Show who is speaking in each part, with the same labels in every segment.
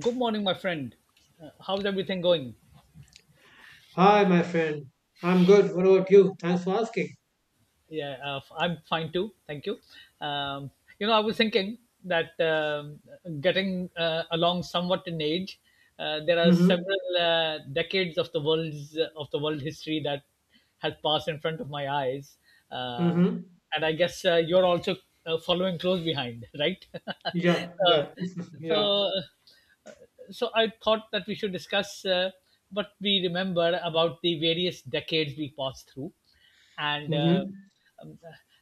Speaker 1: Good morning, my friend. How's everything going?
Speaker 2: Hi, my friend. I'm good. What about you? Thanks for asking.
Speaker 1: I'm fine too. Thank you. Um, I was thinking that getting along somewhat in age. There are
Speaker 2: Mm-hmm.
Speaker 1: several decades of the world history that has passed in front of my eyes, uh,
Speaker 2: Mm-hmm.
Speaker 1: and I guess you're also following close behind, right?
Speaker 2: Yeah,
Speaker 1: uh,
Speaker 2: yeah, yeah.
Speaker 1: so So I thought that we should discuss what we remember about the various decades we passed through, and uh,
Speaker 2: Mm-hmm.
Speaker 1: um,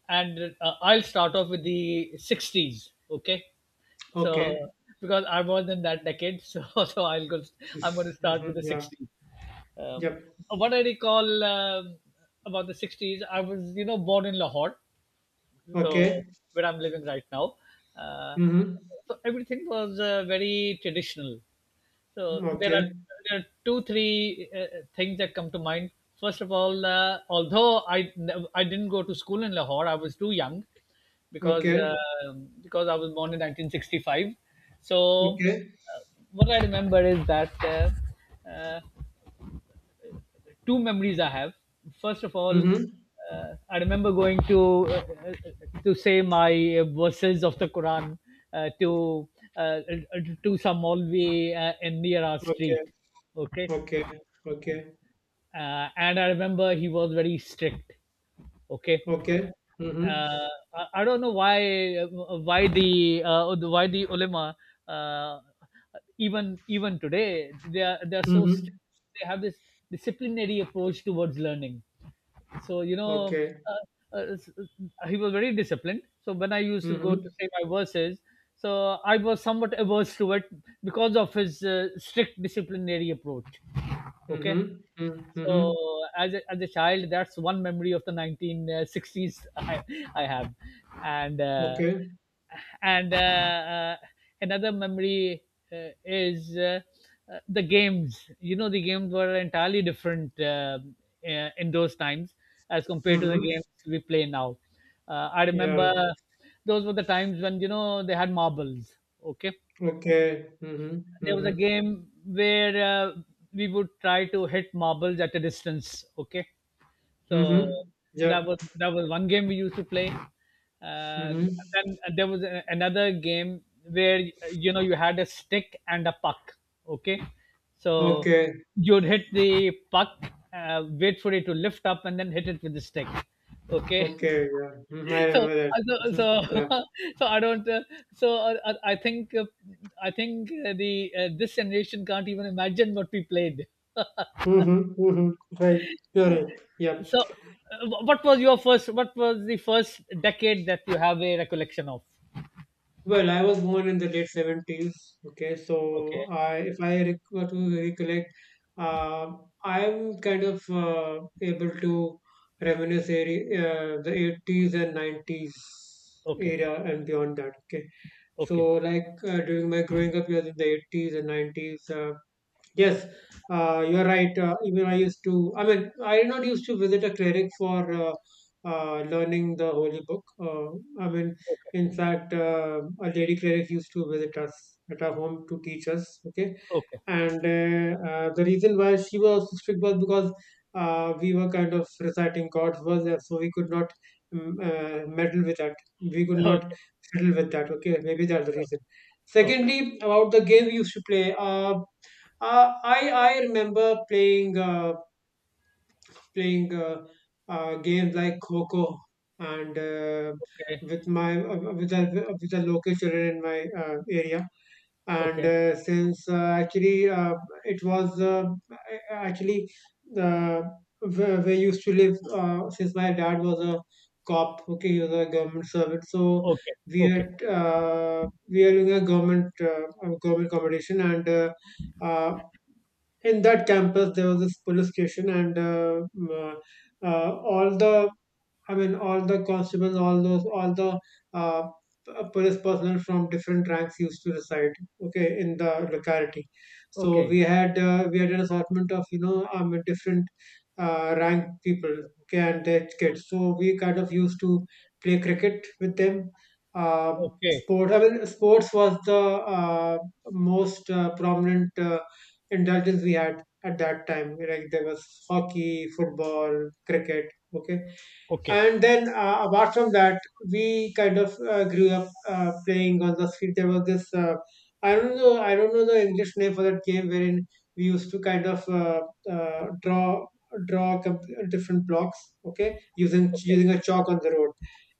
Speaker 1: and I'll start off with the '60s. Okay, so
Speaker 2: Okay.
Speaker 1: because I was in that decade, so so I'll go. I'm going to start with
Speaker 2: Mm-hmm.
Speaker 1: the
Speaker 2: Yeah.
Speaker 1: '60s. Um,
Speaker 2: Yep.
Speaker 1: what I recall about the '60s, I was born in Lahore, so
Speaker 2: Okay.
Speaker 1: where I'm living right now. Uh,
Speaker 2: Mm-hmm.
Speaker 1: so everything was very traditional, so
Speaker 2: Okay.
Speaker 1: there are two, three things that come to mind. First of all, although I didn't go to school in Lahore. I was too young because
Speaker 2: Okay.
Speaker 1: uh, because I was born in 1965. So
Speaker 2: Okay.
Speaker 1: uh, what I remember is that two memories I have. First of all,
Speaker 2: Mm-hmm.
Speaker 1: I remember going uh, uh, to say my verses of the Quran uh, to to some Molvi in near our
Speaker 2: Okay.
Speaker 1: street. Okay,
Speaker 2: Okay. Okay.
Speaker 1: and I remember he was very strict. Okay,
Speaker 2: Okay. Mm-hmm.
Speaker 1: uh, I don't know why why the ulama uh, even today they are so
Speaker 2: Mm-hmm.
Speaker 1: strict. They have this disciplinary approach towards learning. So you know,
Speaker 2: Okay.
Speaker 1: he was very disciplined. So when I used to go to
Speaker 2: Mm-hmm.
Speaker 1: say my verses, so I was somewhat averse to it because of his strict disciplinary approach. Okay,
Speaker 2: Mm-hmm. Mm-hmm.
Speaker 1: so as a child, that's one memory of the 1960s I have, and uh,
Speaker 2: Okay.
Speaker 1: and another memory is the games. The games were entirely different in those times as compared to the
Speaker 2: Mm-hmm.
Speaker 1: games we play now. I remember
Speaker 2: Yeah.
Speaker 1: those were the times when they had marbles. Okay,
Speaker 2: Okay. Mm-hmm.
Speaker 1: there was a
Speaker 2: Mm-hmm.
Speaker 1: game where we would try to hit marbles at a distance. Okay, so
Speaker 2: Mm-hmm.
Speaker 1: that
Speaker 2: Yeah.
Speaker 1: was that was one game we used to play. Uh,
Speaker 2: Mm-hmm.
Speaker 1: then there was another game where you had a stick and a puck. Okay, so
Speaker 2: Okay.
Speaker 1: you'd hit the puck, wait for it to lift up, and then hit it with the stick. Okay.
Speaker 2: Okay, yeah. Mhm, I
Speaker 1: so
Speaker 2: remember that.
Speaker 1: uh, so
Speaker 2: Mhm,
Speaker 1: so
Speaker 2: yeah.
Speaker 1: so I don't so I think the this generation can't even imagine what we played.
Speaker 2: Mm-hmm, mm-hmm. Right. You're right. Yeah.
Speaker 1: What was the first decade that you have a recollection of?
Speaker 2: Well, I was born in the late 70s. Okay, so
Speaker 1: Okay,
Speaker 2: if I were to recollect, uh, I'm kind of able to reminisce area, the 80s and 90s
Speaker 1: okay,
Speaker 2: era and beyond that. Okay,
Speaker 1: okay,
Speaker 2: so like during my growing up years in the 80s and 90s. Yes, you are right. Even I used to, I mean, I did not used to visit a cleric for learning the holy book. I mean,
Speaker 1: okay,
Speaker 2: in fact, a lady cleric used to visit us at our home to teach us. Okay.
Speaker 1: okay,
Speaker 2: And the reason why she was so strict was because we were kind of reciting God's words, and so we could not meddle with that. We could not
Speaker 1: okay,
Speaker 2: fiddle with that. Okay. Maybe that's the reason.
Speaker 1: okay,
Speaker 2: Secondly, about the game we used to play. I remember playing games like Coco and
Speaker 1: okay,
Speaker 2: with my with the local children in my area. And
Speaker 1: okay,
Speaker 2: since actually it was actually uh, where I used to live, since my dad was a cop. Okay, he was a government servant, so
Speaker 1: okay, okay,
Speaker 2: we are doing a government accommodation and. Uh, in that campus there was this police station and all the I mean, all the constables, all those, uh, police personnel from different ranks used to reside, okay, in the locality. So
Speaker 1: okay,
Speaker 2: we had an assortment of different rank people, okay, and their kids. So we kind of used to play cricket with them.
Speaker 1: okay, okay,
Speaker 2: I mean, sports was the uh, most prominent indulgence we had at that time. Like there was hockey, football, cricket. Okay,
Speaker 1: okay,
Speaker 2: and then, apart from that, we kind of grew up playing on the street. There was this I don't know the English name for that game wherein we used to kind of uh, draw draw com- different blocks, okay, using
Speaker 1: okay.
Speaker 2: using a chalk on the road,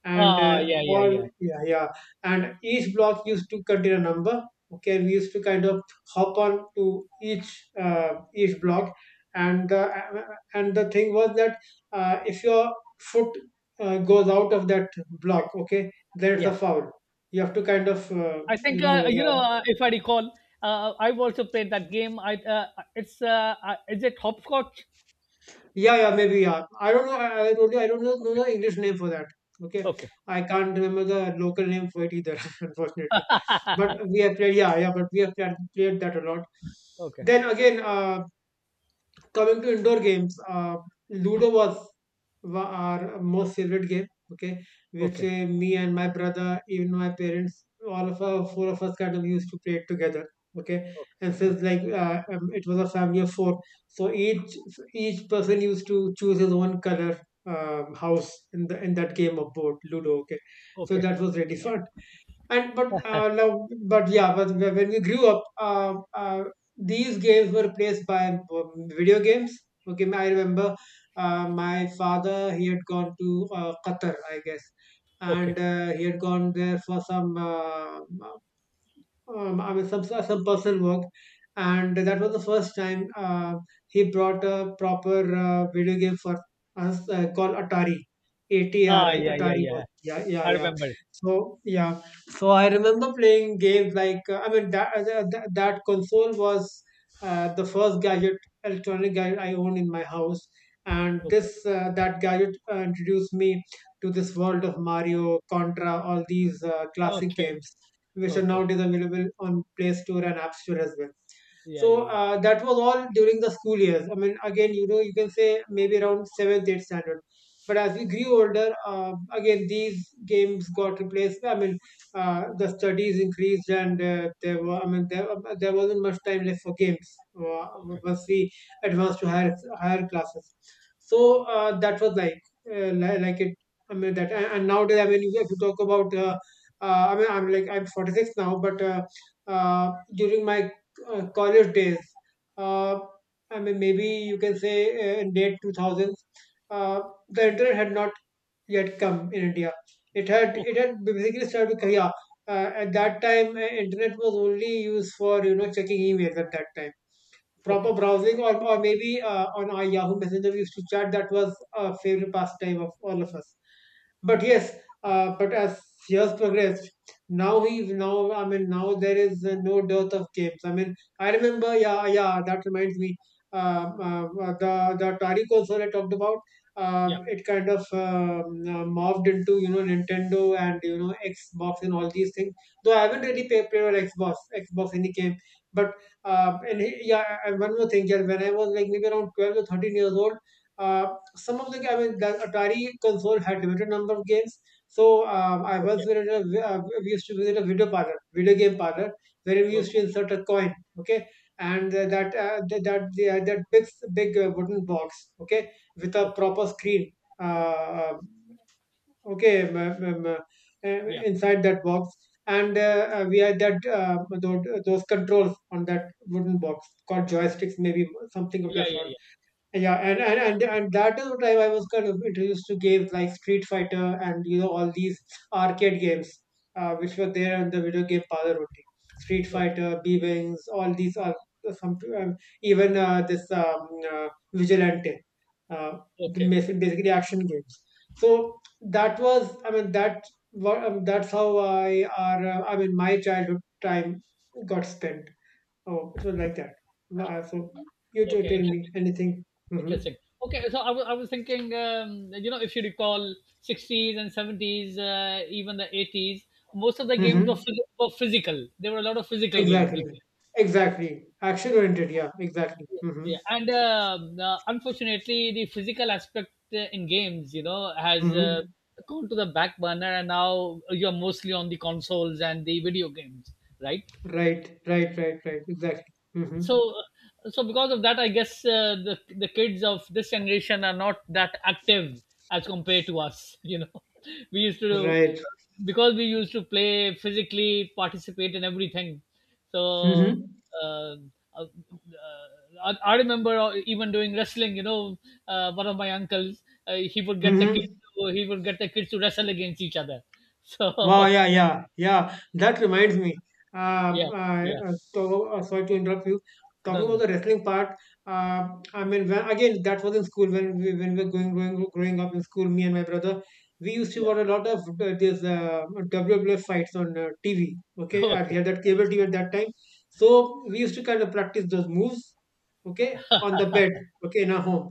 Speaker 2: and
Speaker 1: Ah, yeah, yeah,
Speaker 2: all
Speaker 1: yeah,
Speaker 2: yeah yeah, and each block used to contain a number. Okay, and we used to kind of hop on to each block, and the thing was that if your foot goes out of that block, okay, then it's a
Speaker 1: yeah.
Speaker 2: foul. You have to kind of,
Speaker 1: I
Speaker 2: you
Speaker 1: think
Speaker 2: know,
Speaker 1: you
Speaker 2: uh,
Speaker 1: know If I recall, I've also played that game. I it's Is it hopscotch?
Speaker 2: yeah, yeah, maybe, yeah. I don't know. I really, I don't know,
Speaker 1: Okay,
Speaker 2: know the English name for that. Okay,
Speaker 1: okay,
Speaker 2: I can't remember the local name for it either, unfortunately. But we have played, yeah, yeah. But we have played that a lot.
Speaker 1: okay,
Speaker 2: Then again, coming to indoor games, Ludo was our most favorite game. Okay, which
Speaker 1: okay,
Speaker 2: me and my brother, even my parents, all of our four of us kind of used to play it together. Okay, and
Speaker 1: okay,
Speaker 2: since like
Speaker 1: okay,
Speaker 2: it was a family of four, so each person used to choose his own color house in the in that game of board Ludo. Okay, so
Speaker 1: okay,
Speaker 2: that was really fun, and but now- but yeah but wh- when we grew up uh, these games were replaced by video games. Okay, I remember my father, he had gone to Qatar, I guess,
Speaker 1: okay.
Speaker 2: and he had gone there for some I mean, a sub work, and that was the first time he brought a proper video game for us, called Atari,
Speaker 1: Ah,
Speaker 2: ATRI,
Speaker 1: yeah, yeah,
Speaker 2: Atari was
Speaker 1: yeah.
Speaker 2: yeah yeah
Speaker 1: I
Speaker 2: yeah.
Speaker 1: remember.
Speaker 2: So yeah, so I remember playing games like, I mean, that console was the first gadget, electronic gadget I owned in my house, and
Speaker 1: Okay,
Speaker 2: this that gadget introduced me to this world of Mario, Contra, all these classic
Speaker 1: okay,
Speaker 2: games which are
Speaker 1: okay.
Speaker 2: nowadays available on Play Store and App Store as well.
Speaker 1: Yeah, yeah,
Speaker 2: So
Speaker 1: yeah.
Speaker 2: that was all during the school years. I mean, again, you can say maybe around seventh, eighth standard. But as we grew older, again, these games got replaced. I mean, the studies increased, and I mean, there wasn't much time left for games
Speaker 1: Okay,
Speaker 2: once we advanced to higher classes. So that was like like it. I mean that, and nowadays, I mean, if you talk about I mean, I'm 46 now, but during my college days, uh, I mean, maybe you can say in late 2000s, uh, the internet had not yet come in India. It had it
Speaker 1: okay,
Speaker 2: had basically started with yeah. At that time, internet was only used for checking emails at that time, proper
Speaker 1: okay,
Speaker 2: browsing, or maybe on our Yahoo Messenger we used to chat. That was a favorite pastime of all of us. But
Speaker 1: okay.
Speaker 2: yes, but as years progressed, now I mean now there is no dearth of games. I mean, I remember, yeah, yeah, that reminds me. The Atari console I talked about,
Speaker 1: Yeah,
Speaker 2: It kind of, morphed into Nintendo and Xbox and all these things. Though I haven't really played on Xbox any game, but, yeah, and one more thing, yeah, when I was like maybe around 12 or 13 years old, some of the I mean, the Atari console had limited number of games. So I
Speaker 1: okay,
Speaker 2: once visited a, vi- we used to visit a video parlor, video game parlor, where we used
Speaker 1: okay,
Speaker 2: to insert a coin, okay, and that th- that the that big wooden box, okay, with a
Speaker 1: okay.
Speaker 2: proper screen. Uh, um, okay,
Speaker 1: Yeah,
Speaker 2: inside that box, and we had that, those controls on that wooden box called joysticks maybe something of
Speaker 1: yeah,
Speaker 2: that
Speaker 1: yeah,
Speaker 2: sort,
Speaker 1: yeah.
Speaker 2: yeah, and that is what I was kind of introduced to games like Street Fighter and all these arcade games, which were there on the video game parlor only. Street
Speaker 1: Okay,
Speaker 2: Fighter, B Wings, all these are some, even this, Vigilante, uh, the
Speaker 1: okay,
Speaker 2: basically action games. So that was, I mean, that's how I are, I mean, my childhood time got spent. Oh, it was like that. Wow, so you t-
Speaker 1: okay.
Speaker 2: tell me
Speaker 1: Interesting.
Speaker 2: anything. Hmm.
Speaker 1: Interesting. Okay, so I was thinking, you know, if you recall, 60s and 70s, even the 80s, most of the games were,
Speaker 2: Hmm.
Speaker 1: were physical. There were a lot of physical games.
Speaker 2: Exactly.
Speaker 1: You
Speaker 2: Exactly. Action oriented. Yeah, exactly. Hmm.
Speaker 1: Yeah, and unfortunately, the physical aspect in games, has
Speaker 2: Hmm.
Speaker 1: gone to the back burner, and now you're mostly on the consoles and the video games, right?
Speaker 2: Right. Right. Right. Right. Exactly. Hmm.
Speaker 1: so so because of that, I guess the kids of this generation are not that active as compared to us. We used to do
Speaker 2: Right.
Speaker 1: because we used to play, physically participate in everything, so
Speaker 2: Hmm.
Speaker 1: uh, uh, uh, I remember even doing wrestling. One of my uncles, he would get the kids
Speaker 2: Hmm.
Speaker 1: to, he would get the kids to wrestle against each other.
Speaker 2: Wow,
Speaker 1: So
Speaker 2: yeah, yeah, yeah. That reminds me.
Speaker 1: yeah. Yeah.
Speaker 2: Sorry to interrupt you. Talking
Speaker 1: No, no,
Speaker 2: about
Speaker 1: no.
Speaker 2: the wrestling part, uh, I mean, when, again, that was in school when we were growing up in school. Me and my brother, we used to
Speaker 1: Yeah.
Speaker 2: watch a lot of these WWF fights on TV. Okay,
Speaker 1: Okay.
Speaker 2: we had that cable TV at that time, so we used to kind of practice those moves. Okay, on the bed. Okay, in our home,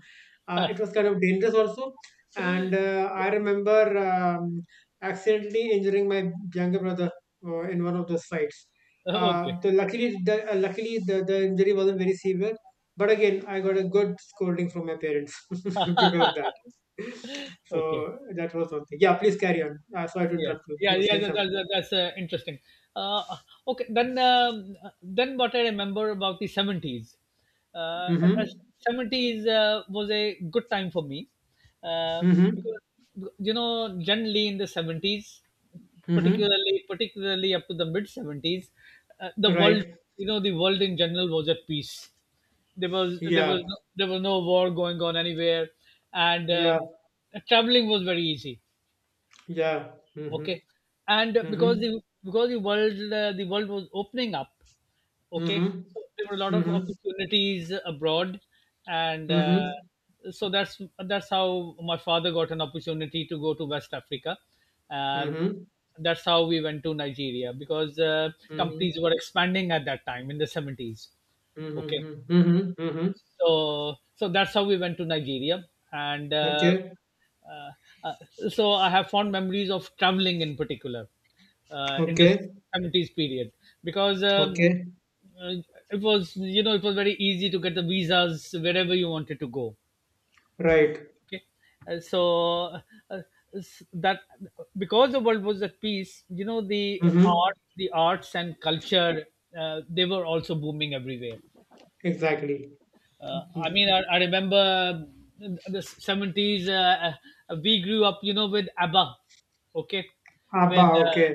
Speaker 2: it was kind of dangerous also. And I remember, accidentally injuring my younger brother in one of those fights.
Speaker 1: Yeah. Okay.
Speaker 2: The Luckily, the injury wasn't very severe, but again, I got a good scolding from my parents because of that.
Speaker 1: Okay.
Speaker 2: So that was one thing. Yeah, please carry on. Sorry to
Speaker 1: Yeah,
Speaker 2: interrupt you.
Speaker 1: yeah,
Speaker 2: You were
Speaker 1: yeah,
Speaker 2: saying
Speaker 1: that, that,
Speaker 2: something.
Speaker 1: that's interesting. uh, okay, then what I remember about the 70s, uh,
Speaker 2: Mm-hmm.
Speaker 1: uh, 70s was a good time for me uh,
Speaker 2: Mm-hmm.
Speaker 1: because generally in the 70s,
Speaker 2: Mm-hmm.
Speaker 1: particularly up to the mid 70s, the world,
Speaker 2: Right.
Speaker 1: you know, the world in general was at peace. there was there
Speaker 2: Yeah.
Speaker 1: was no, there was no war going on anywhere, and
Speaker 2: Yeah.
Speaker 1: traveling was very easy.
Speaker 2: Yeah. Mm-hmm.
Speaker 1: Okay, and because
Speaker 2: Mm-hmm.
Speaker 1: the world, the world was opening up. Okay,
Speaker 2: Mm-hmm.
Speaker 1: so there were a lot of
Speaker 2: Mm-hmm.
Speaker 1: opportunities abroad, and
Speaker 2: Mm-hmm.
Speaker 1: so that's how my father got an opportunity to go to West Africa. uh,
Speaker 2: Mm-hmm.
Speaker 1: that's how we went to Nigeria because companies
Speaker 2: Mm-hmm.
Speaker 1: were expanding at that time in the 70s. Okay,
Speaker 2: Mm-hmm. Mm-hmm. Mm-hmm.
Speaker 1: so that's how we went to Nigeria, and
Speaker 2: Okay.
Speaker 1: uh, uh, so I have fond memories of traveling in particular in the
Speaker 2: Okay,
Speaker 1: seventies period because
Speaker 2: okay,
Speaker 1: uh, it was it was very easy to get the visas wherever you wanted to go.
Speaker 2: right.
Speaker 1: Okay. So uh, s- that Because the world was at peace, the
Speaker 2: Mm-hmm.
Speaker 1: art, the arts and culture, they were also booming everywhere.
Speaker 2: Exactly.
Speaker 1: I
Speaker 2: Mm-hmm.
Speaker 1: mean, I remember in the 70s. We grew up, you know, with ABBA. Okay,
Speaker 2: Abba,
Speaker 1: with uh,
Speaker 2: okay.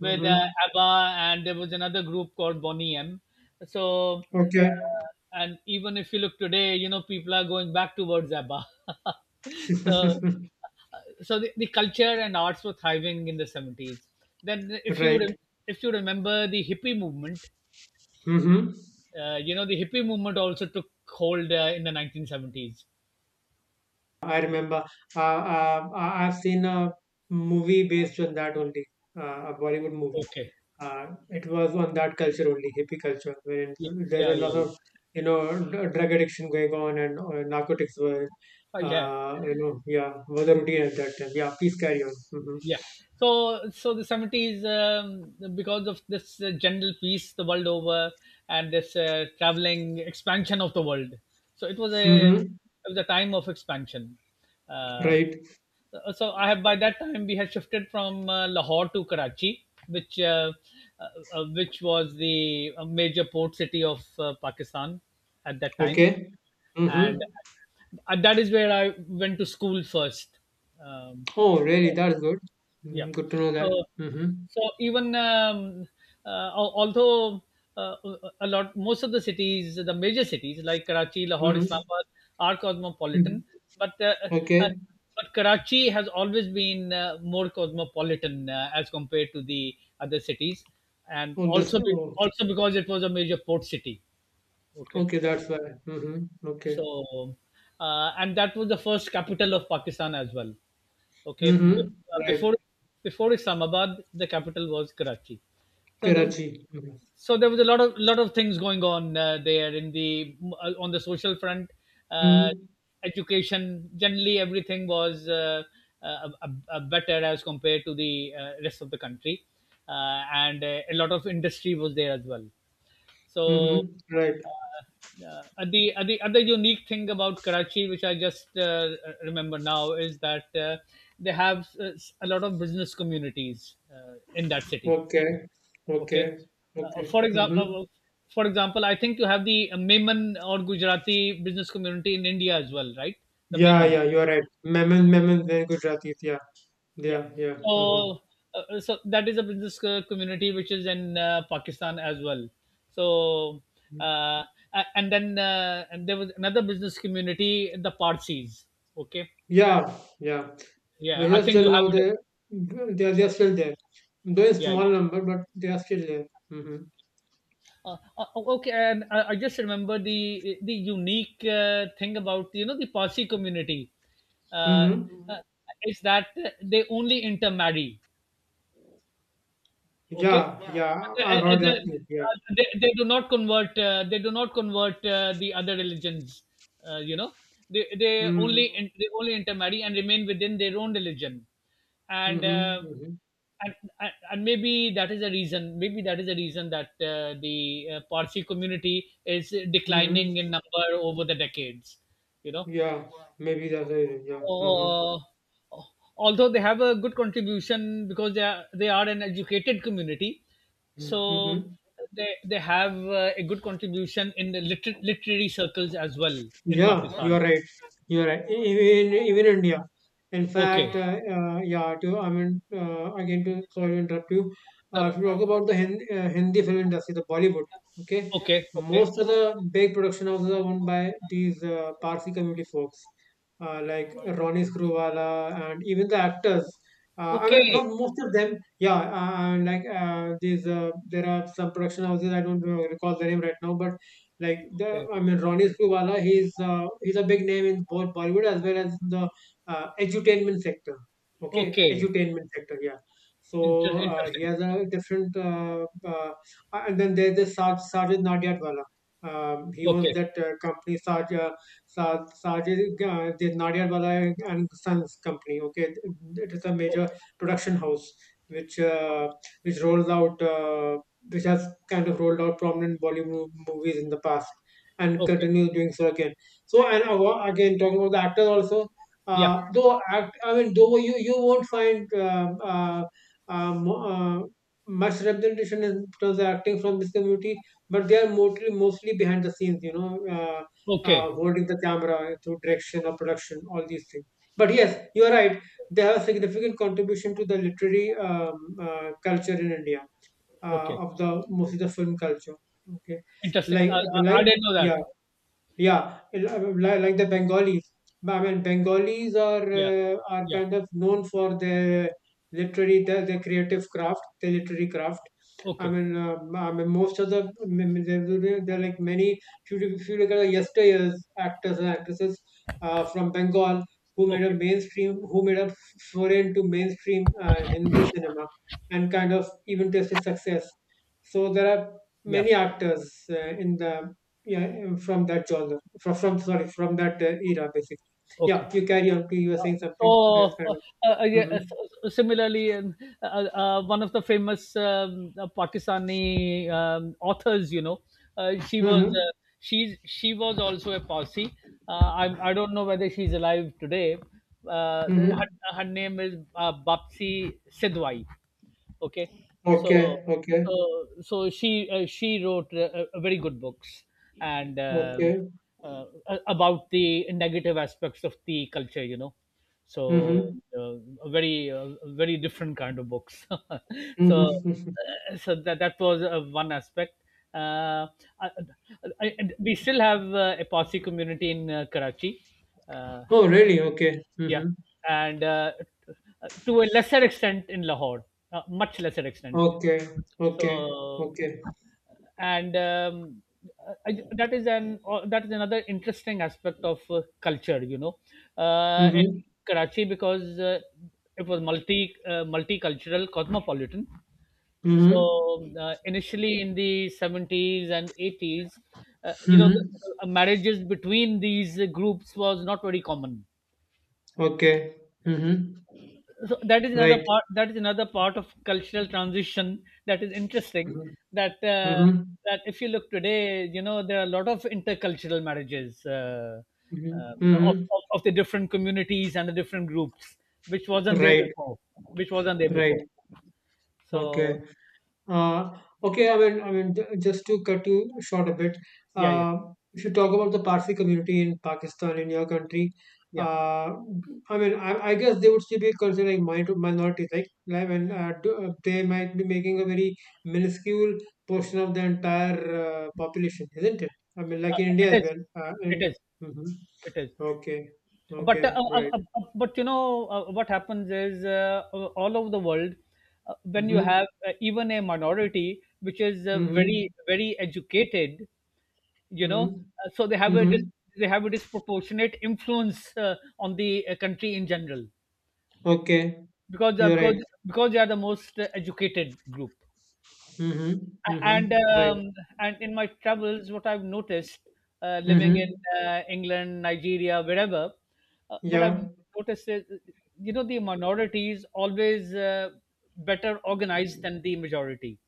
Speaker 1: with
Speaker 2: Mm-hmm.
Speaker 1: uh, ABBA, and there was another group called Bonnie M. So,
Speaker 2: Okay,
Speaker 1: and even if you look today, people are going back towards ABBA. So, so the culture and arts were thriving in the 70s. Then
Speaker 2: right.
Speaker 1: if you remember the hippie movement,
Speaker 2: Mm-hmm.
Speaker 1: the hippie movement also took hold in the 1970s.
Speaker 2: I remember. I've seen a movie based on that only, a Bollywood movie.
Speaker 1: Okay.
Speaker 2: It was on that culture only, hippie culture, wherein
Speaker 1: Yeah,
Speaker 2: there's
Speaker 1: yeah, yeah,
Speaker 2: a lot
Speaker 1: yeah.
Speaker 2: of drug addiction going on, and narcotics were,
Speaker 1: Yeah.
Speaker 2: yeah, were the routine at that time. Yeah, please carry on. Mm-hmm.
Speaker 1: Yeah. So, so the 70s, because of this general peace the world over, and this traveling expansion of the world. So it was a it
Speaker 2: Mm-hmm.
Speaker 1: was a time of expansion. Uh,
Speaker 2: Right.
Speaker 1: So I have by that time we had shifted from Lahore to Karachi, uh, which was the major port city of Pakistan at that time,
Speaker 2: Okay.
Speaker 1: and
Speaker 2: Mhm.
Speaker 1: that is where I went to school first. Um,
Speaker 2: Oh, really? That's good.
Speaker 1: yeah.
Speaker 2: Mm, good to know that.
Speaker 1: So,
Speaker 2: Mhm.
Speaker 1: so even uh, although uh, a lot, most of the cities, the major cities like Karachi, Lahore,
Speaker 2: Mhm.
Speaker 1: Islamabad, are cosmopolitan,
Speaker 2: Mhm.
Speaker 1: but uh,
Speaker 2: Okay.
Speaker 1: but Karachi has always been more cosmopolitan as compared to the other cities, and
Speaker 2: Oh, this.
Speaker 1: also be,
Speaker 2: Oh,
Speaker 1: also because it was a major port city. Okay.
Speaker 2: okay. That's why. Mhm. Okay.
Speaker 1: So, and that was the first capital of Pakistan as well. Okay,
Speaker 2: Mhm.
Speaker 1: uh, before
Speaker 2: Right.
Speaker 1: before Islamabad, the capital was Karachi. So there,
Speaker 2: Karachi. Mhm.
Speaker 1: so there was a lot of, lot of things going on there in the on the social front, uh,
Speaker 2: Mm.
Speaker 1: education. Generally, everything was better as compared to the rest of the country, and a lot of industry was there as well. So,
Speaker 2: Mhm. Right.
Speaker 1: the other unique thing about Karachi, which I just remember now, is that they have a lot of business communities in that city.
Speaker 2: Okay. Okay.
Speaker 1: Okay, uh,
Speaker 2: Okay.
Speaker 1: for
Speaker 2: Mhm.
Speaker 1: example, uh, for example, I think you have the Maiman or Gujarati business community in India as well, right? The
Speaker 2: Yeah.
Speaker 1: Maiman.
Speaker 2: Yeah. You are right. Memon. Memon. Very good. Gujaratis. Yeah.
Speaker 1: Yeah.
Speaker 2: Yeah. Yeah. Mhm.
Speaker 1: So, so that is a business community which is in Pakistan as well. So, uh, and there was another business community, the Parsis. Okay.
Speaker 2: Yeah. Yeah.
Speaker 1: Yeah,
Speaker 2: But
Speaker 1: I
Speaker 2: here
Speaker 1: think
Speaker 2: still
Speaker 1: you
Speaker 2: now
Speaker 1: have it.
Speaker 2: they are still there. Though in
Speaker 1: Yeah.
Speaker 2: small
Speaker 1: Yeah.
Speaker 2: number, but they are still there. Hmm
Speaker 1: Okay, and I just remember the unique thing about the Parsi community
Speaker 2: hmm
Speaker 1: Mhm, is that they only intermarry. Okay,
Speaker 2: Yeah, yeah, I've
Speaker 1: at
Speaker 2: heard that
Speaker 1: the,
Speaker 2: too. Yeah.
Speaker 1: they do not convert. They do not convert the other religions. Uh, you know,
Speaker 2: hmm
Speaker 1: they only intermarry and remain within their own religion, and.
Speaker 2: hmm
Speaker 1: Uh,
Speaker 2: hmm
Speaker 1: and and maybe that is a reason. Maybe that is a reason that the Parsi community is declining in
Speaker 2: hmm
Speaker 1: number over the decades. You know,
Speaker 2: Yeah, maybe that's the reason. Yeah. hmm
Speaker 1: uh, Although they have a good contribution because they are an educated community, so
Speaker 2: hmm
Speaker 1: they have a good contribution in the literary circles as well in
Speaker 2: Yeah, you
Speaker 1: Pakistan.
Speaker 2: are right. You are right. Even India. In
Speaker 1: Okay.
Speaker 2: fact, yeah. To I mean, again, to sorry to interrupt you.
Speaker 1: No,
Speaker 2: If you talk
Speaker 1: no.
Speaker 2: about the Hindi film industry, the Bollywood. Okay,
Speaker 1: Okay, okay,
Speaker 2: most of the big production houses are owned by these Parsi community folks, like Ronnie Screwala, and even the actors. I mean,
Speaker 1: okay,
Speaker 2: not most of them. Yeah, like these. There are some production houses. I don't recall the name right now, but
Speaker 1: okay,
Speaker 2: I mean, Ronnie Screwbala, he's a big name in both Bollywood as well as the edutainment sector. Okay,
Speaker 1: okay.
Speaker 2: edutainment sector, yeah. So he
Speaker 1: Interesting.
Speaker 2: has a different, and then there's the Sajid Nadiadwala. He owns
Speaker 1: Okay,
Speaker 2: that company, Sajid the Nadiadwala and Sons company. Okay, it is a major
Speaker 1: okay,
Speaker 2: production house which uh, which rolls out which has kind of rolled out prominent Bollywood movies in the past and
Speaker 1: okay.
Speaker 2: continues doing so again. So, and again, talking about the actors also,
Speaker 1: Yeah.
Speaker 2: I mean, though you won't find um, uh, much representation in terms of acting from this community, but they are mostly behind the scenes, you know, uh,
Speaker 1: Okay,
Speaker 2: holding the camera through direction or production, all these things. But yes, you are right. They have a significant contribution to the literary culture in India,
Speaker 1: okay.
Speaker 2: of the mostly the film culture. Okay,
Speaker 1: Interesting.
Speaker 2: like the
Speaker 1: I
Speaker 2: like
Speaker 1: didn't know
Speaker 2: yeah,
Speaker 1: that.
Speaker 2: yeah, like the Bengalis. I mean, Bengalis
Speaker 1: Yeah,
Speaker 2: are
Speaker 1: yeah.
Speaker 2: kind of known for their their creative craft, their literary craft.
Speaker 1: Okay,
Speaker 2: I mean, there are like many. If you look at the yesteryear's actors and actresses from Bengal
Speaker 1: okay.
Speaker 2: who made a foray into mainstream Hindi cinema and kind of even tasted success. So there are
Speaker 1: Yeah.
Speaker 2: many actors in the yeah from that genre from sorry from that era basically. Yeah,
Speaker 1: Okay.
Speaker 2: you carry on, you were saying something, I was
Speaker 1: So,
Speaker 2: kind
Speaker 1: uh,
Speaker 2: of
Speaker 1: uh, yeah, uh,
Speaker 2: mm-hmm.
Speaker 1: so- so similarly, one of the famous Pakistani authors, she was
Speaker 2: Mm-hmm.
Speaker 1: she's she was also a Parsi. Uh, I don't know whether she's alive today. Uh, the- her,
Speaker 2: Mm-hmm.
Speaker 1: her name is Bapsi Sidwai. okay so
Speaker 2: Okay, okay,
Speaker 1: so so she uh, she wrote very good books, and um
Speaker 2: okay.
Speaker 1: about the negative aspects of the culture so
Speaker 2: Mm-hmm.
Speaker 1: uh, a very different kind of books. so
Speaker 2: Mm-hmm.
Speaker 1: so that was one aspect. uh, I, we still have a Parsi community in Karachi, uh,
Speaker 2: Oh, really? Okay.
Speaker 1: yeah,
Speaker 2: Mm-hmm.
Speaker 1: and to a lesser extent in Lahore, much lesser extent.
Speaker 2: Okay, okay,
Speaker 1: so
Speaker 2: okay.
Speaker 1: and um, that is an or that is another interesting aspect of culture, you know uh, in
Speaker 2: Mm-hmm.
Speaker 1: karachi because it was multicultural, cosmopolitan.
Speaker 2: Mm-hmm.
Speaker 1: So initially, in the 70s and 80s, uh, you know the,
Speaker 2: Mm-hmm.
Speaker 1: marriages between these groups was not very common.
Speaker 2: Okay. Mm-hmm.
Speaker 1: So that is another
Speaker 2: Right.
Speaker 1: part that is another part of cultural transition that is interesting.
Speaker 2: Mm-hmm.
Speaker 1: that uh,
Speaker 2: Mm-hmm.
Speaker 1: that if you look today, you know, there are a lot of intercultural marriages
Speaker 2: Mm-hmm. Mm-hmm,
Speaker 1: of the different communities and the different groups, which wasn't there
Speaker 2: right.
Speaker 1: before, which wasn't there
Speaker 2: Right.
Speaker 1: before.
Speaker 2: Okay.
Speaker 1: So
Speaker 2: Uh, okay, I mean, just to cut you short a bit,
Speaker 1: yeah, yeah,
Speaker 2: uh, if you talk about the Parsi community in Pakistan, in your country,
Speaker 1: yeah.
Speaker 2: uh, I mean, I guess they would still be considered like minorities, and they might be making a very minuscule portion of the entire population, isn't it? I mean, like
Speaker 1: uh,
Speaker 2: in India
Speaker 1: it
Speaker 2: as
Speaker 1: is
Speaker 2: well.
Speaker 1: it
Speaker 2: And
Speaker 1: is
Speaker 2: hmm
Speaker 1: it is.
Speaker 2: okay, okay,
Speaker 1: But
Speaker 2: right.
Speaker 1: you know, what happens is, all over the world, when you
Speaker 2: Mm-hmm,
Speaker 1: have even a minority which is
Speaker 2: mm-hmm,
Speaker 1: very, very educated, you know,
Speaker 2: mm-hmm,
Speaker 1: uh, so they have a dis-
Speaker 2: mm-hmm.
Speaker 1: they have a disproportionate influence on the country in general,
Speaker 2: Okay,
Speaker 1: because
Speaker 2: you're right.
Speaker 1: because they are the most educated group.
Speaker 2: Mm-hmm,
Speaker 1: A- and
Speaker 2: mm-hmm, right.
Speaker 1: um, and in my travels, what I've noticed, living
Speaker 2: Mm-hmm.
Speaker 1: in England, Nigeria, wherever, uh, what I've
Speaker 2: Yeah,
Speaker 1: noticed is you know, the minorities always better organized than the majority.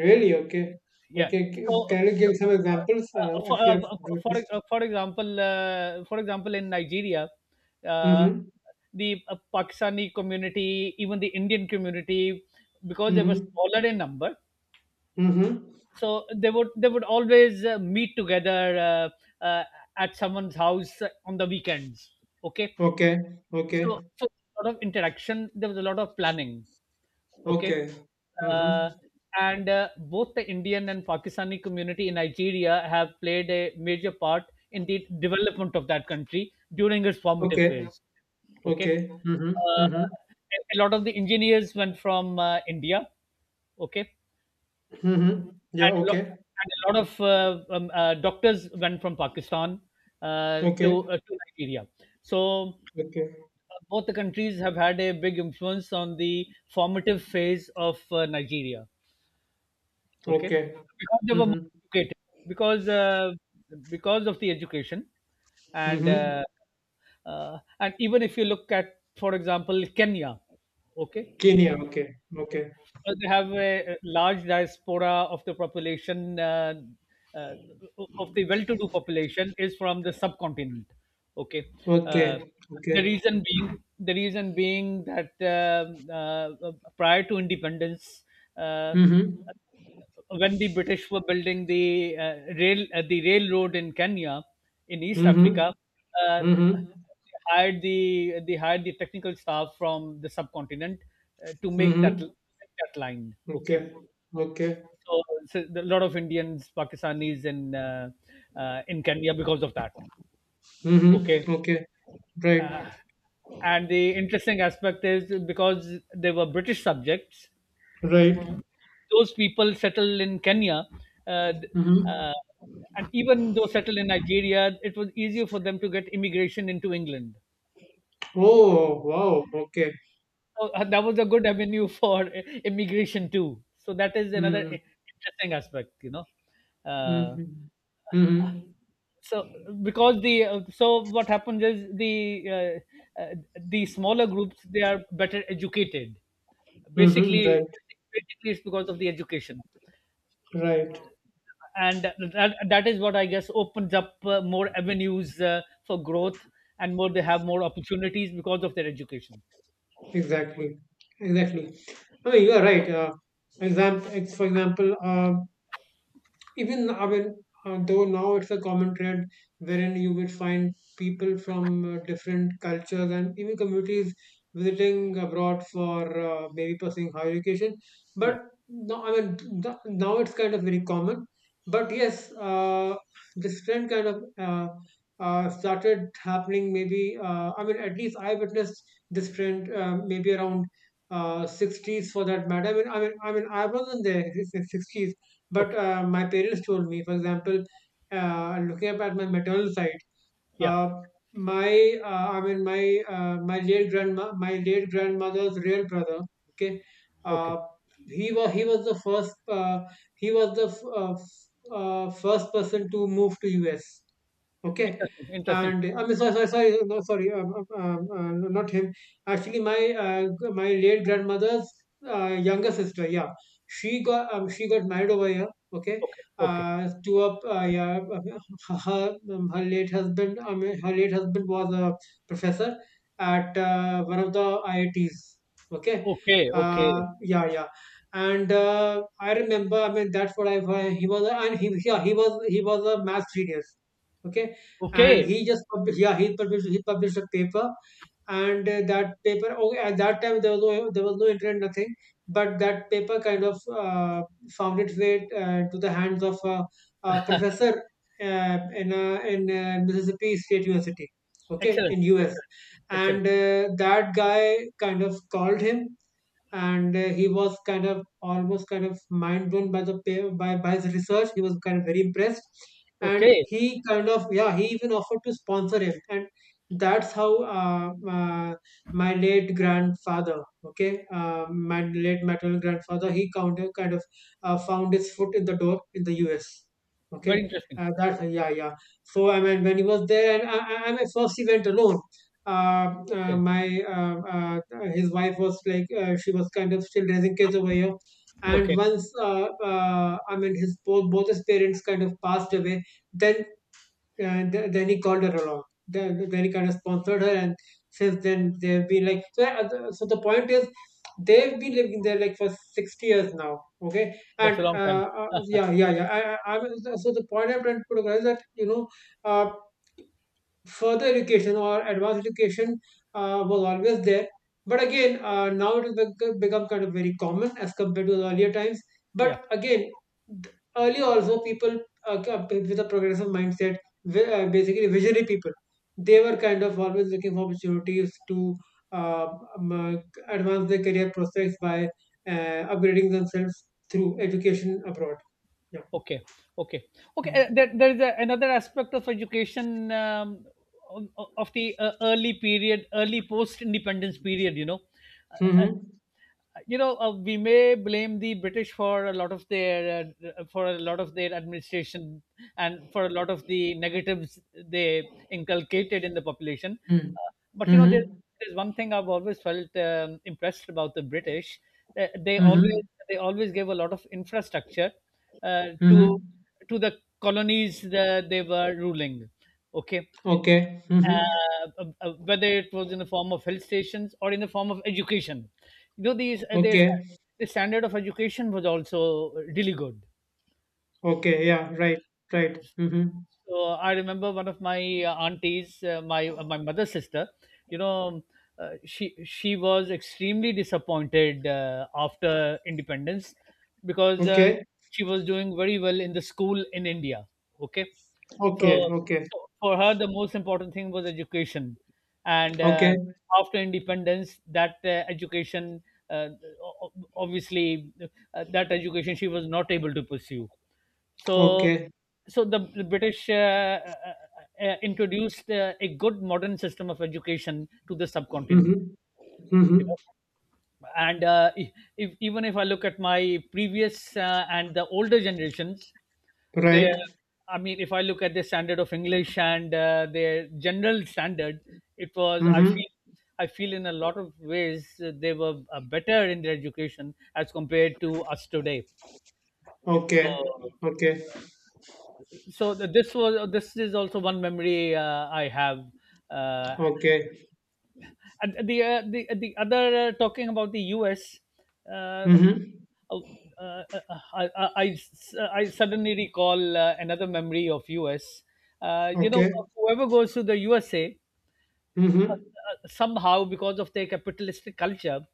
Speaker 2: really? Okay.
Speaker 1: Yeah.
Speaker 2: Okay.
Speaker 1: So,
Speaker 2: Can you
Speaker 1: so,
Speaker 2: give some examples
Speaker 1: uh, for
Speaker 2: if you
Speaker 1: uh,
Speaker 2: have noticed?
Speaker 1: for example, in Nigeria, uh,
Speaker 2: Mm-hmm.
Speaker 1: the Pakistani community, even the Indian community, because they were
Speaker 2: Mm-hmm.
Speaker 1: smaller in number,
Speaker 2: Mm-hmm.
Speaker 1: so they would always meet together uh, uh, at someone's house on the weekends. Okay,
Speaker 2: Okay.
Speaker 1: so,
Speaker 2: Okay.
Speaker 1: so a lot of interaction, there was a lot of planning. Okay.
Speaker 2: Okay. Mm-hmm.
Speaker 1: uh, and both the Indian and Pakistani community in Nigeria have played a major part in the development of that country during its formative
Speaker 2: Okay.
Speaker 1: phase. Okay.
Speaker 2: Okay. Mm-hmm.
Speaker 1: uh,
Speaker 2: Mm-hmm.
Speaker 1: a lot of the engineers went from india. Okay.
Speaker 2: Mm-hmm. Yeah.
Speaker 1: and a lot,
Speaker 2: Okay.
Speaker 1: and a lot of doctors went from Pakistan,
Speaker 2: Okay.
Speaker 1: to Nigeria. So
Speaker 2: Okay.
Speaker 1: both the countries have had a big influence on the formative phase of Nigeria. Okay,
Speaker 2: Okay.
Speaker 1: because they were more
Speaker 2: Mm-hmm.
Speaker 1: educated, because uh, because of the education. And
Speaker 2: Mm-hmm.
Speaker 1: even if you look at, for example, Kenya, okay,
Speaker 2: Kenya. Okay. Okay.
Speaker 1: they have a large diaspora of the uh, well-to-do population is from the subcontinent. Okay. uh,
Speaker 2: Okay.
Speaker 1: the
Speaker 2: Okay.
Speaker 1: reason being the reason being that, prior to independence, uh,
Speaker 2: Mm-hmm.
Speaker 1: when the British were building the rail the railroad in Kenya, in East
Speaker 2: Mm-hmm.
Speaker 1: Africa, uh,
Speaker 2: Mm-hmm.
Speaker 1: hmm hired, the they hired the technical staff from the subcontinent, to make
Speaker 2: Mm-hmm.
Speaker 1: that line. Okay,
Speaker 2: Okay. Okay.
Speaker 1: so so a lot of Indians, Pakistanis, in Kenya, because of that. Hmm. Okay.
Speaker 2: Mm-hmm. Okay. Right.
Speaker 1: Yeah. And the interesting aspect is, because they were British subjects,
Speaker 2: Right.
Speaker 1: those people settled in Kenya, uh, th-
Speaker 2: Mm-hmm.
Speaker 1: uh, and even though settled in Nigeria, it was easier for them to get immigration into England.
Speaker 2: Oh, wow. Okay.
Speaker 1: So that was a good avenue for immigration too. So that is another
Speaker 2: Mm-hmm.
Speaker 1: I- interesting aspect, you know. Uh,
Speaker 2: Mm-hmm. Mm-hmm.
Speaker 1: so because the so what happens is, uh, uh, the smaller groups, they are better educated.
Speaker 2: Mm-hmm. Right.
Speaker 1: Basically, basically it's because of the education.
Speaker 2: Right.
Speaker 1: And that is what, I guess, opens up more avenues for growth, and more they have more opportunities because of their education.
Speaker 2: Exactly. Exactly. I mean, you are right. For example, even I mean, though now it's a common trend wherein you will find people from different cultures and even communities visiting abroad for maybe pursuing higher education.
Speaker 1: Yeah.
Speaker 2: But no, I mean now it's kind of very common. But yes, this trend kind of started happening. Maybe I mean at least I witnessed this trend maybe around. 60s for that matter. I mean, I wasn't there in the 60s, but
Speaker 1: Okay.
Speaker 2: my parents told me, for example, looking up at my maternal side,
Speaker 1: Yeah.
Speaker 2: uh, my my late grandmother's real brother. Okay, uh,
Speaker 1: Okay.
Speaker 2: he was the first he was the f- f- first person to move to US. Okay.
Speaker 1: Interesting. Interesting.
Speaker 2: And I'm sorry, no, sorry, no, not him. Actually, my my late grandmother's younger sister, yeah, she got married over here. Okay,
Speaker 1: Okay. Okay.
Speaker 2: to a yeah, her late husband. I mean, her late husband was a professor at one of the IITs. Okay,
Speaker 1: Okay. Okay.
Speaker 2: uh, yeah, yeah, and I remember. I mean, that's what I he was, a- and he Yeah, he was a math genius, okay, and
Speaker 1: Okay.
Speaker 2: he just published, yeah, he published a paper, and that paper. Oh, yeah, at that time there was no, there was no internet, nothing, but that paper kind of found its way to the hands of a professor in Mississippi State University, okay,
Speaker 1: Excellent.
Speaker 2: in U.S.,
Speaker 1: Excellent. Excellent.
Speaker 2: and that guy kind of called him, and he was kind of almost kind of mind blown by the by his research. He was kind of very impressed, and
Speaker 1: Okay.
Speaker 2: he kind of, yeah, he even offered to sponsor him, and that's how my late grandfather, okay, my late maternal grandfather, he kind of found his foot in the door in the U.S.
Speaker 1: Very
Speaker 2: Okay,
Speaker 1: interesting.
Speaker 2: that's yeah, yeah. So I mean when he was there, and I my first he went alone.
Speaker 1: Okay.
Speaker 2: My His wife was like she was kind of still raising kids over here, and
Speaker 1: Okay.
Speaker 2: once I mean his both, both his parents kind of passed away, then then he called her along, then he kind of sponsored her, and since then they've been like so, so the point is they've been living there like for 60 years now. Okay,
Speaker 1: That's a
Speaker 2: and
Speaker 1: long time.
Speaker 2: so so the point I'm trying to put across is that you know, uh, further education or advanced education was always there. But again, now it has become kind of very common as compared to the earlier times.
Speaker 1: Yeah.
Speaker 2: But again, earlier also people with a progressive mindset, basically visionary people, they were kind of always looking for opportunities to uh, um, uh, advance their career prospects by upgrading themselves through education abroad. Yeah.
Speaker 1: Okay, okay, okay.
Speaker 2: Mm.
Speaker 1: There is a, another aspect of education, of the early period, early post-independence period. You know, uh, uh,
Speaker 2: Mm-hmm.
Speaker 1: we may blame the British for a lot of their, for a lot of their administration, and for a lot of the negatives they inculcated in the population.
Speaker 2: Mm.
Speaker 1: Uh, but you know, there,
Speaker 2: Mm-hmm.
Speaker 1: there's one thing I've always felt impressed about the British. Uh, they always,
Speaker 2: Mm-hmm.
Speaker 1: they always gave a lot of infrastructure uh, to
Speaker 2: Mm-hmm.
Speaker 1: to the colonies that they were ruling. Okay.
Speaker 2: Okay. Mm-hmm.
Speaker 1: Whether it was in the form of health stations or in the form of education. You know, these their,
Speaker 2: Okay.
Speaker 1: the standard of education was also really good.
Speaker 2: Okay. Yeah. Right. Right. Mm-hmm.
Speaker 1: So I remember one of my aunties, my my mother's sister. You know, she was extremely disappointed after independence, because
Speaker 2: Okay.
Speaker 1: she was doing very well in the school in India. Okay. So
Speaker 2: Okay. Okay.
Speaker 1: so for her, the most important thing was education. And
Speaker 2: Okay.
Speaker 1: after independence, that education, uh, o- o- obviously, that education she was not able to pursue. So
Speaker 2: Okay.
Speaker 1: so the British introduced a good modern system of education to the subcontinent.
Speaker 2: Mm-hmm. Mm-hmm.
Speaker 1: You know? And if- even if I look at my previous and the older generations, they,
Speaker 2: Right.
Speaker 1: I mean, if I look at the standard of English and their general standard, it was
Speaker 2: Mm-hmm.
Speaker 1: I feel in a lot of ways they were better in their education as compared to us today. So
Speaker 2: Okay. Okay.
Speaker 1: this was, this is also one memory I have. Uh,
Speaker 2: Okay.
Speaker 1: and the other, talking about the U.S. Uh,
Speaker 2: Mm-hmm.
Speaker 1: oh, uh, uh, I, I, uh, I I suddenly recall another memory of U.S. You know,
Speaker 2: Okay.
Speaker 1: whoever goes to the USA,
Speaker 2: Mm-hmm.
Speaker 1: somehow because of their capitalistic culture,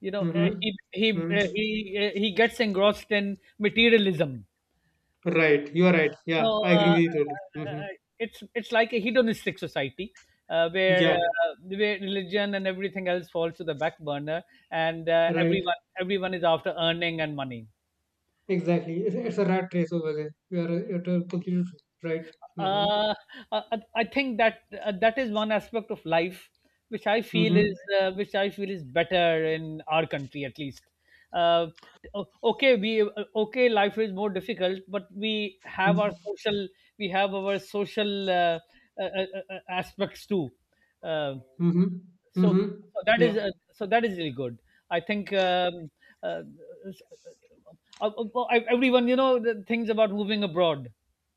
Speaker 1: you know,
Speaker 2: Mm-hmm.
Speaker 1: he he uh,
Speaker 2: Mm-hmm.
Speaker 1: he uh, he gets engrossed in materialism.
Speaker 2: Right. You are right.
Speaker 1: You
Speaker 2: Yeah.
Speaker 1: know,
Speaker 2: I agree with you totally. Mm-hmm.
Speaker 1: uh, it's like a hedonistic society, where
Speaker 2: Yeah.
Speaker 1: religion and everything else falls to the back burner, and
Speaker 2: Right.
Speaker 1: everyone is after earning and money.
Speaker 2: Exactly. It's a rat race over there. You are completely right. Mm-hmm.
Speaker 1: uh, I think that that is one aspect of life which I feel
Speaker 2: Mm-hmm.
Speaker 1: is, which I feel is better in our country at least. Uh, o- okay, we uh, okay, life is more difficult, but
Speaker 2: Mm-hmm.
Speaker 1: we have our social uh, aspects too. Uh,
Speaker 2: Mhm.
Speaker 1: so,
Speaker 2: Mhm.
Speaker 1: so that is,
Speaker 2: Yeah.
Speaker 1: so that is really good. I think uh, s- everyone, you know, the things about moving abroad.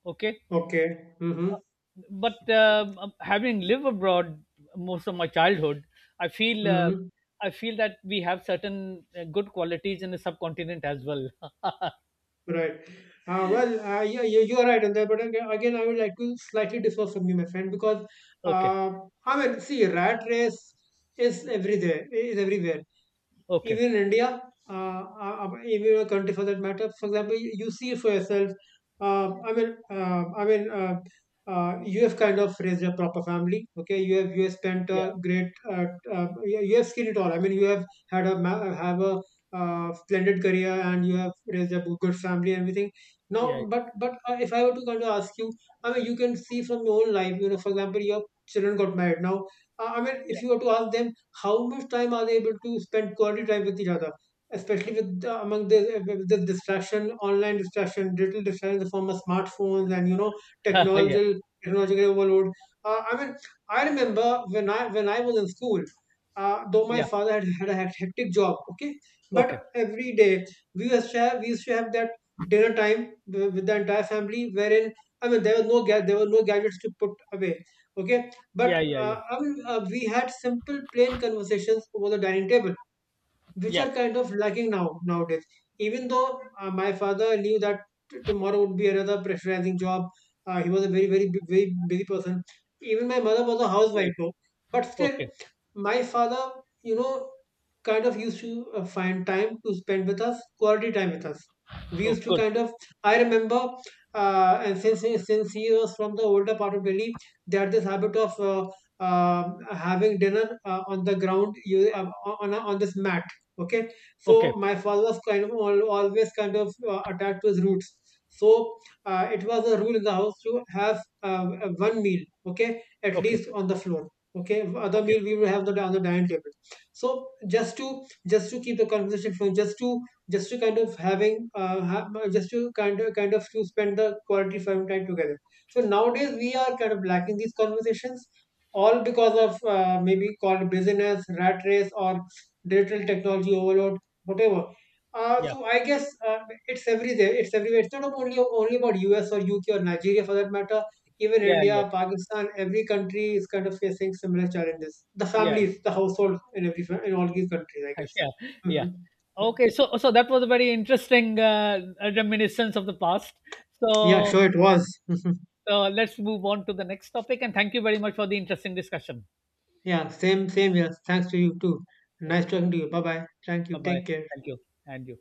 Speaker 1: Okay,
Speaker 2: Okay. Mhm.
Speaker 1: but having lived abroad most of my childhood, I feel,
Speaker 2: Mhm.
Speaker 1: I feel that we have certain good qualities in the subcontinent as well.
Speaker 2: Right. Yeah, yeah, you are right on that. But again, I would like to slightly differ from you, my friend, because
Speaker 1: Okay,
Speaker 2: uh, I mean, see, rat race is everywhere. Is everywhere.
Speaker 1: okay,
Speaker 2: Even in India, even a country for that matter. For example, you see it for yourself. Um, I mean, uh, I mean, uh, you have kind of raised a proper family. Okay, you have spent
Speaker 1: yeah,
Speaker 2: a great, you, you have seen it all. I mean, you have have a splendid career and you have raised a good family and everything.
Speaker 1: yeah,
Speaker 2: Now, but if I were to kind of ask you, I mean, you can see from your own life. You know, for example, your children got married. Now, I mean,
Speaker 1: yeah.
Speaker 2: if you were to ask them how much time are they able to spend quality time with each other, especially with the, with the distraction, online distraction, digital distraction in the form of smartphones and you know
Speaker 1: Yeah,
Speaker 2: technological technological overload. I mean, I remember when I was in school. Though my
Speaker 1: yeah.
Speaker 2: father had a hectic job, okay,
Speaker 1: Okay,
Speaker 2: but every day we used to have that dinner time with the entire family, wherein I mean there was there were no gadgets to put away, okay, but
Speaker 1: yeah, yeah, yeah,
Speaker 2: we had simple, plain conversations over the dining table, which
Speaker 1: yeah.
Speaker 2: are kind of lacking now nowadays. Even though my father knew that tomorrow would be another pressurizing job, he was a very busy person. Even my mother was a housewife
Speaker 1: Right.
Speaker 2: though, but still,
Speaker 1: Okay.
Speaker 2: my father, you know, kind of used to find time to spend with us, quality time with us. We
Speaker 1: Oh,
Speaker 2: used to
Speaker 1: good.
Speaker 2: kind of, I remember, and since he was from the older part of Delhi, they had this habit of having dinner on the ground, you, on a, on this mat, okay.
Speaker 1: Okay.
Speaker 2: So my father was kind of always kind of attached to his roots, so it was a rule in the house to have one meal, okay, at
Speaker 1: Okay.
Speaker 2: least on the floor, okay, other
Speaker 1: Okay.
Speaker 2: meal we would have the, on the dining table, so just to, just to keep the conversation flowing, just to, just to kind of just to kind of to spend the quality time together. So nowadays we are kind of lacking these conversations, all because of maybe called business rat race or digital technology overload, whatever.
Speaker 1: Yeah.
Speaker 2: So I guess it's everywhere. It's everywhere. It's not only about U.S. or U.K. or Nigeria for that matter. Even
Speaker 1: Yeah. Yeah.
Speaker 2: India, Pakistan, every country is kind of facing similar challenges. The
Speaker 1: Yeah. Yeah.
Speaker 2: families, the households in in all these countries, I guess.
Speaker 1: Yeah. Yeah.
Speaker 2: Hmm Yeah.
Speaker 1: Okay. So so that was a very interesting reminiscence of the past.
Speaker 2: Yeah,
Speaker 1: So
Speaker 2: sure, it was.
Speaker 1: let's move on to the next topic. And thank you very much for the interesting discussion.
Speaker 2: Yeah, same, same. Yes, thanks to you too.
Speaker 1: Bye
Speaker 2: Nice talking to you. Bye bye. Thank you.
Speaker 1: bye.
Speaker 2: Take care.
Speaker 1: Thank you. And you.